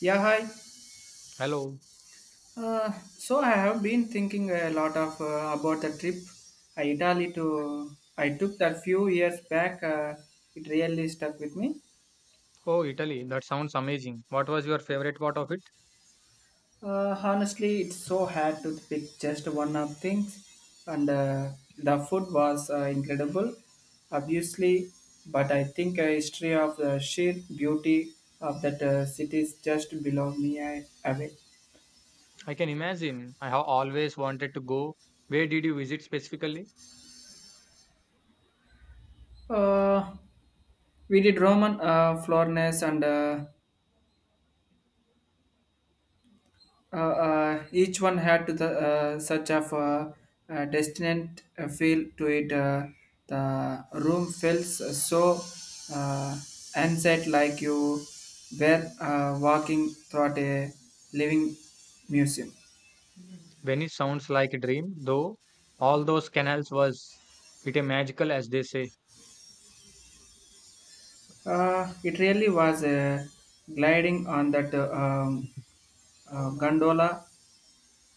Yeah, hi. Hello. So I have been thinking a lot of about the trip Italy to I took that few years back. It really stuck with me. Oh, Italy, that sounds amazing. What was your favorite part of it? Honestly, it's so hard to pick just one of things, and the food was incredible, obviously. But I think a history of the sheer beauty of that city is just below me I, away. I can imagine. I have always wanted to go. Where did you visit specifically? Uh, we did Roman Florence and each one had to the such of destined feel to it. The room felt so uh, unset, like you were walking through a living museum. Venice sounds like a dream, though all those canals was it a magical as they say. It really was gliding on that gondola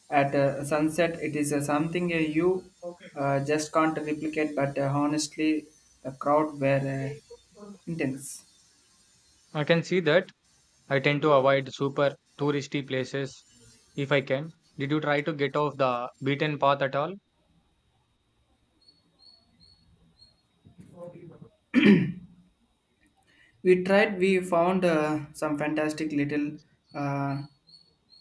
at sunset. It is something you just can't replicate, but honestly, the crowd were intense. I can see that. I tend to avoid super touristy places if I can. Did you try to get off the beaten path at all? We found some fantastic little uh,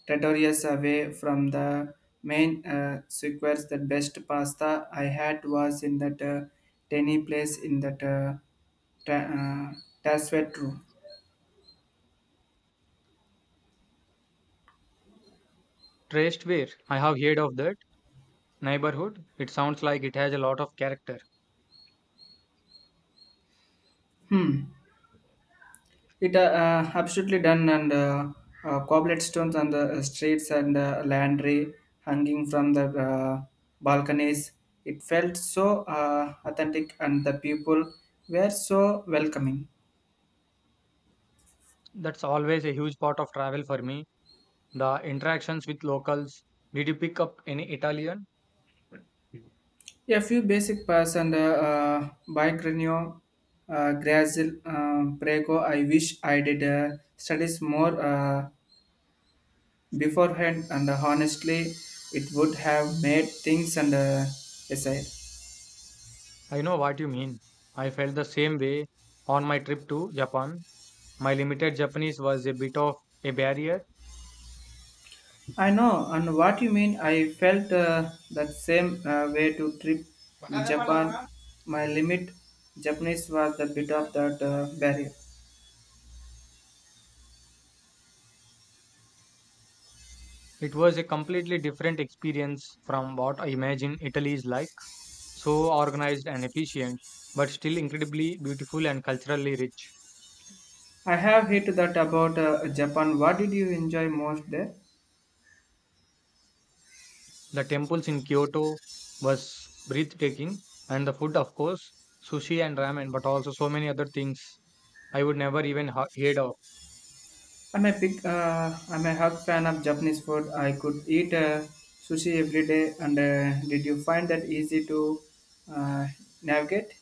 territories away from the main sequence. The best pasta I had was in that tiny place in that ta- uh, tasvet room. Traced where? I have heard of that neighborhood. It sounds like it has a lot of character. Hmm. It absolutely done and cobbled stones on the streets and landry hanging from the balconies. It felt so authentic and the people were so welcoming. That's always a huge part of travel for me. The interactions with locals. Did you pick up any Italian? A few basic pass and Bicrenio, Grazil, Prego. I wish I did studies more beforehand, and honestly it would have made things and aside. I know what you mean. I felt the same way on my trip to Japan. My limited Japanese was a bit of a barrier. I know, and what you mean. I felt that same way to trip Japan. My limit Japanese was a bit of that barrier. It was a completely different experience from what I imagine Italy is like. So organized and efficient, but still incredibly beautiful and culturally rich. I have hit that about Japan. What did you enjoy most there? The temples in Kyoto was breathtaking, and the food, of course, sushi and ramen, but also so many other things I would never even heard of. I'm a hug fan of Japanese food. I could eat sushi every day. And did you find that easy to uh, navigate?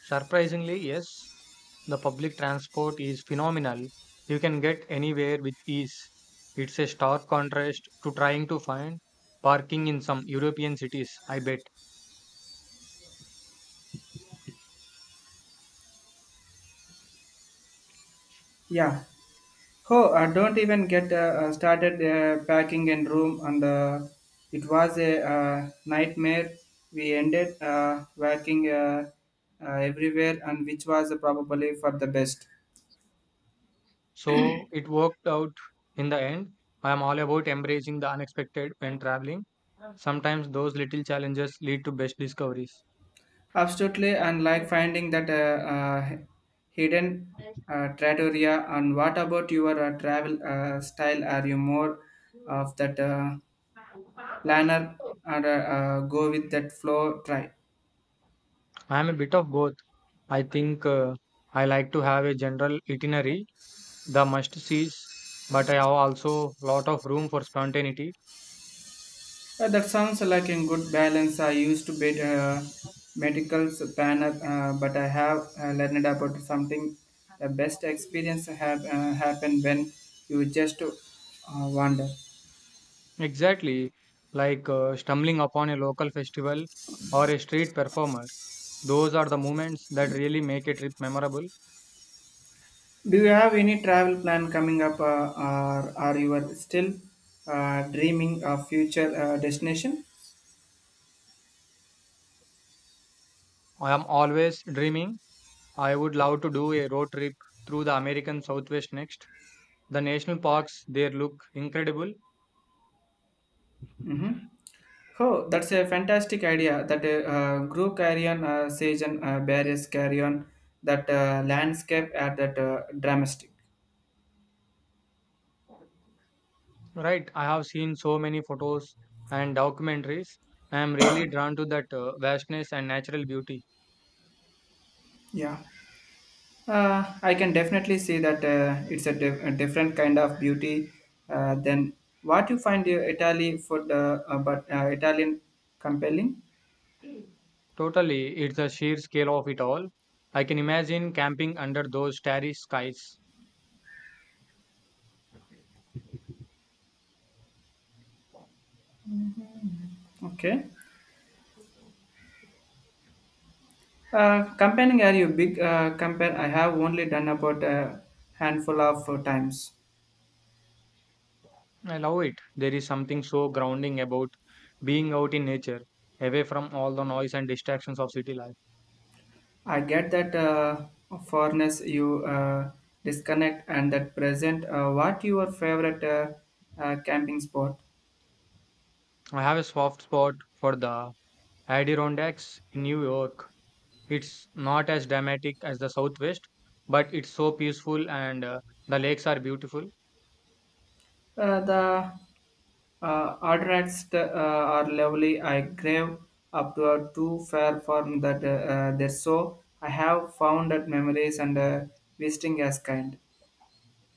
Surprisingly, yes, the public transport is phenomenal. You can get anywhere with ease. It's a stark contrast to trying to find parking in some European cities, I bet. Yeah, oh, don't even get started packing and room, and it was a nightmare. We ended working everywhere, and which was probably for the best. So it worked out in the end. I am all about embracing the unexpected when traveling. Sometimes those little challenges lead to best discoveries. Absolutely, and like finding that hidden trattoria. And what about your travel style? Are you more of that planner or go with that flow? Try. I'm a bit of both. I think I like to have a general itinerary, the must sees, but I have also lot of room for spontaneity. That sounds like a good balance. I used to be a medical planner, but I have learned about something. The best experience have happened when you just wander. Exactly, like stumbling upon a local festival or a street performer. Those are the moments that really make a trip memorable. Do you have any travel plan coming up, or are you are still dreaming of future destination? I am always dreaming. I would love to do a road trip through the American Southwest next. The national parks there look incredible. Mm-hmm. Oh, that's a fantastic idea. That group carry on, sage and barriers carry on that landscape at that dramatic. Right, I have seen so many photos and documentaries. I am really drawn to that vastness and natural beauty. Yeah. I can definitely see that it's a, a different kind of beauty than what you find your Italy food, but Italian compelling. Totally, it's the sheer scale of it all. I can imagine camping under those starry skies. Okay. Campaigning are you big campaign? I have only done about a handful of times. I love it. There is something so grounding about being out in nature, away from all the noise and distractions of city life. I get that foreigners you disconnect and that present. What your favorite camping spot? I have a soft spot for the Adirondacks in New York. It's not as dramatic as the Southwest, but it's so peaceful and the lakes are beautiful. The Ardrats are lovely. I crave up to a too fair form that they're so. I have found that memories and visiting as kind.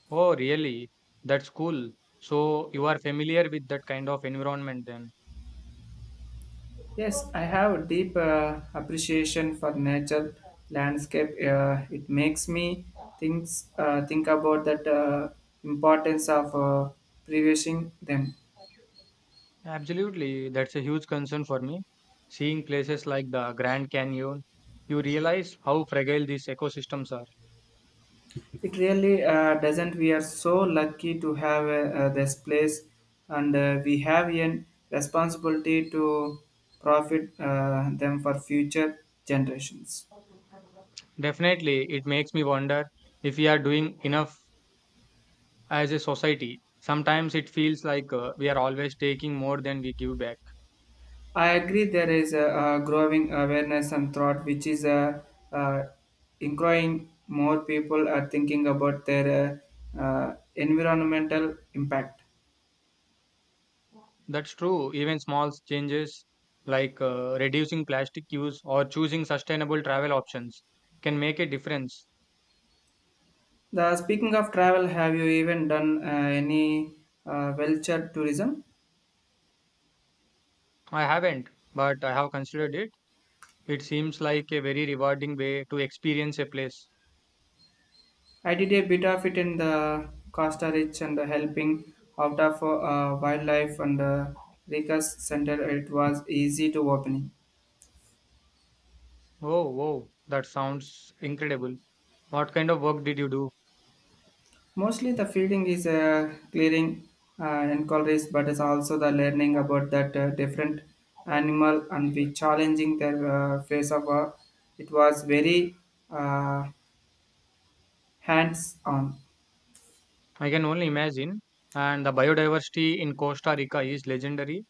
Oh, really? That's cool. So you are familiar with that kind of environment then? Yes, I have a deep appreciation for nature landscape. It makes me think about that importance of preserving them. Absolutely. That's a huge concern for me. Seeing places like the Grand Canyon, you realize how fragile these ecosystems are. It really doesn't. We are so lucky to have this place, and we have a responsibility to profit them for future generations. Definitely, it makes me wonder if we are doing enough as a society. Sometimes it feels like we are always taking more than we give back. I agree. There is a growing awareness and thought, which is a, uh, including more people are thinking about their environmental impact. That's true. Even small changes like reducing plastic use or choosing sustainable travel options can make a difference. The speaking of travel, have you even done any vulture tourism? I haven't, but I have considered it. It seems like a very rewarding way to experience a place. I did a bit of it in the Costa Rica and the helping out of wildlife and the Ricas Center. It was easy to opening. Oh, wow, that sounds incredible. What kind of work did you do? Mostly the feeding is clearing enquiries, but it's also the learning about that different animal and the challenging their face of. It was very uh, hands on. I can only imagine. And the biodiversity in Costa Rica is legendary.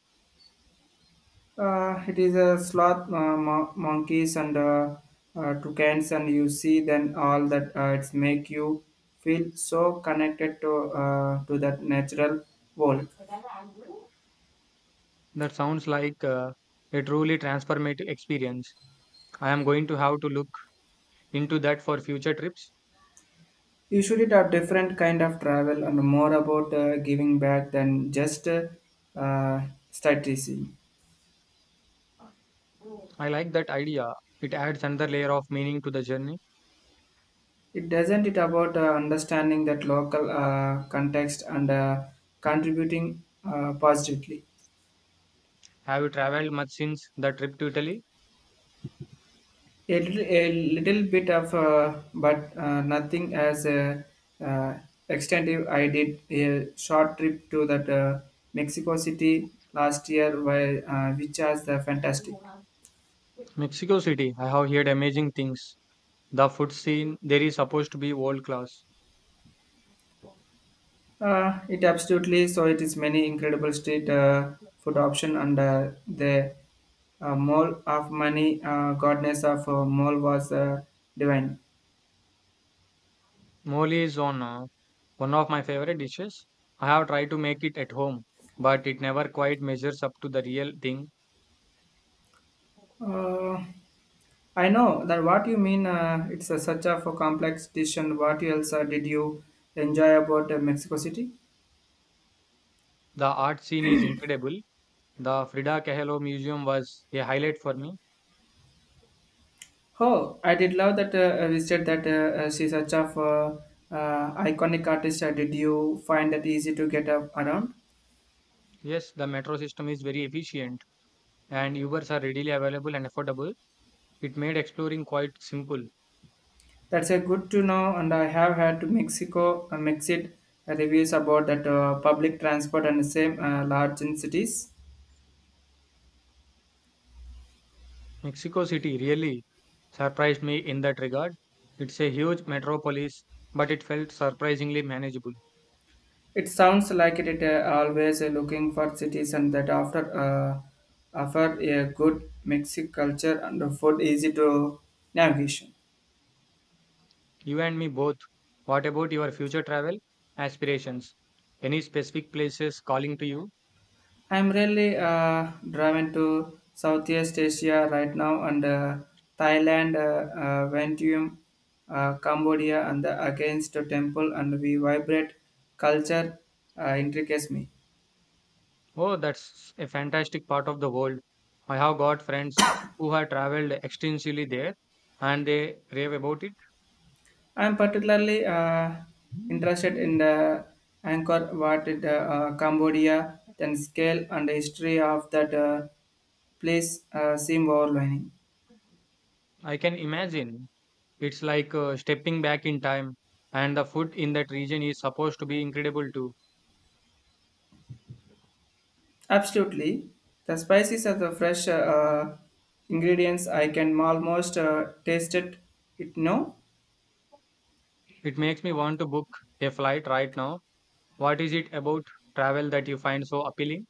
It is a sloth monkeys and toucans, and you see then all that it's make you feel so connected to that natural world. That sounds like a truly transformative experience. I am going to have to look into that for future trips. Usually, it are different kind of travel and more about giving back than just uh, strategy. I like that idea. It adds another layer of meaning to the journey. It doesn't it about understanding that local context and contributing positively. Have you traveled much since the trip to Italy? A little bit of, but nothing as uh, extensive. I did a short trip to that Mexico City last year, while, which was the fantastic. Mexico City. I have heard amazing things. The food scene there is supposed to be world class. It absolutely so. It is many incredible street food option and the mall of money goddess of mall was divine. Mole is on one of my favorite dishes. I have tried to make it at home, but it never quite measures up to the real thing. Uh, I know that what you mean. It's a such a for complex decision. What else did you enjoy about Mexico City? The art scene is incredible. The Frida Kahlo Museum was a highlight for me. Oh, I did love that we said that she's such a iconic artist. Did you find that easy to get up around? Yes, the metro system is very efficient and Ubers are readily available and affordable. It made exploring quite simple. That's a good to know, and I have had to Mexico Mexit reviews about that public transport and the same large in cities. Mexico City really surprised me in that regard. It's a huge metropolis, but it felt surprisingly manageable. It sounds like it always looking for cities and that after offer a good Mexican culture and the food easy to navigation. You and me both. What about your future travel aspirations? Any specific places calling to you? I'm really driven to Southeast Asia right now and Thailand, Vientiane, Cambodia, and the against the temple and we vibrate culture intricates me. Oh, that's a fantastic part of the world. I have got friends who have traveled extensively there and they rave about it. I'm particularly interested in the Angkor Wat in the, Cambodia, then scale and the history of that place seem overwhelming. I can imagine. It's like stepping back in time, and the food in that region is supposed to be incredible too. Absolutely, the spices of the fresh ingredients I can almost taste it. It no, It makes me want to book a flight right now. What is it about travel that you find so appealing?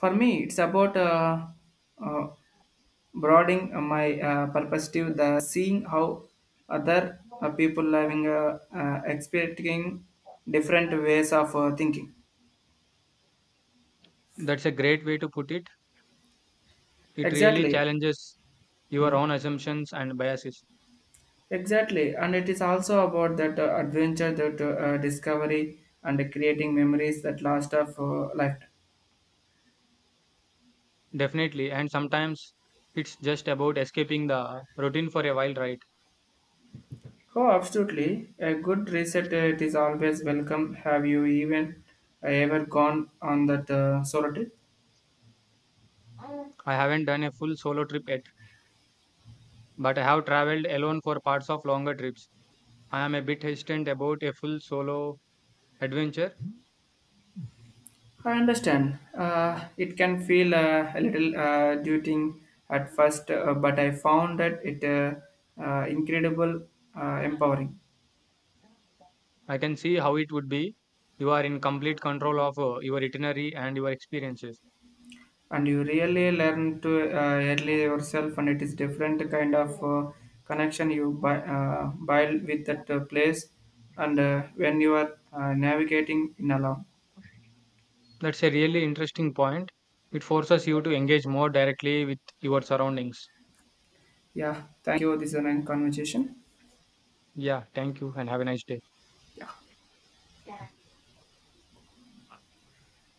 for me it's about uh, broadening my perspective, the seeing how other people living experiencing different ways of thinking. That's a great way to put it. It really Exactly, challenges your own assumptions and biases. exactly, and it is also about that adventure, that discovery, and creating memories that last of lifetime. Definitely, and sometimes it's just about escaping the routine for a while, right? Oh, absolutely. A good reset, it is always welcome. Have you even ever gone on that solo trip? I haven't done a full solo trip yet, but I have traveled alone for parts of longer trips. I am a bit hesitant about a full solo adventure. I understand. It can feel a little daunting at first, but I found that it incredible, empowering, I can see how it would be. You are in complete control of your itinerary and your experiences. and you really learn to early yourself, and it is different kind of connection you buy, build with that place, and when you are navigating in alone. That's a really interesting point. It forces you to engage more directly with your surroundings. Yeah, thank you. This is a nice conversation. Yeah, thank you and have a nice day.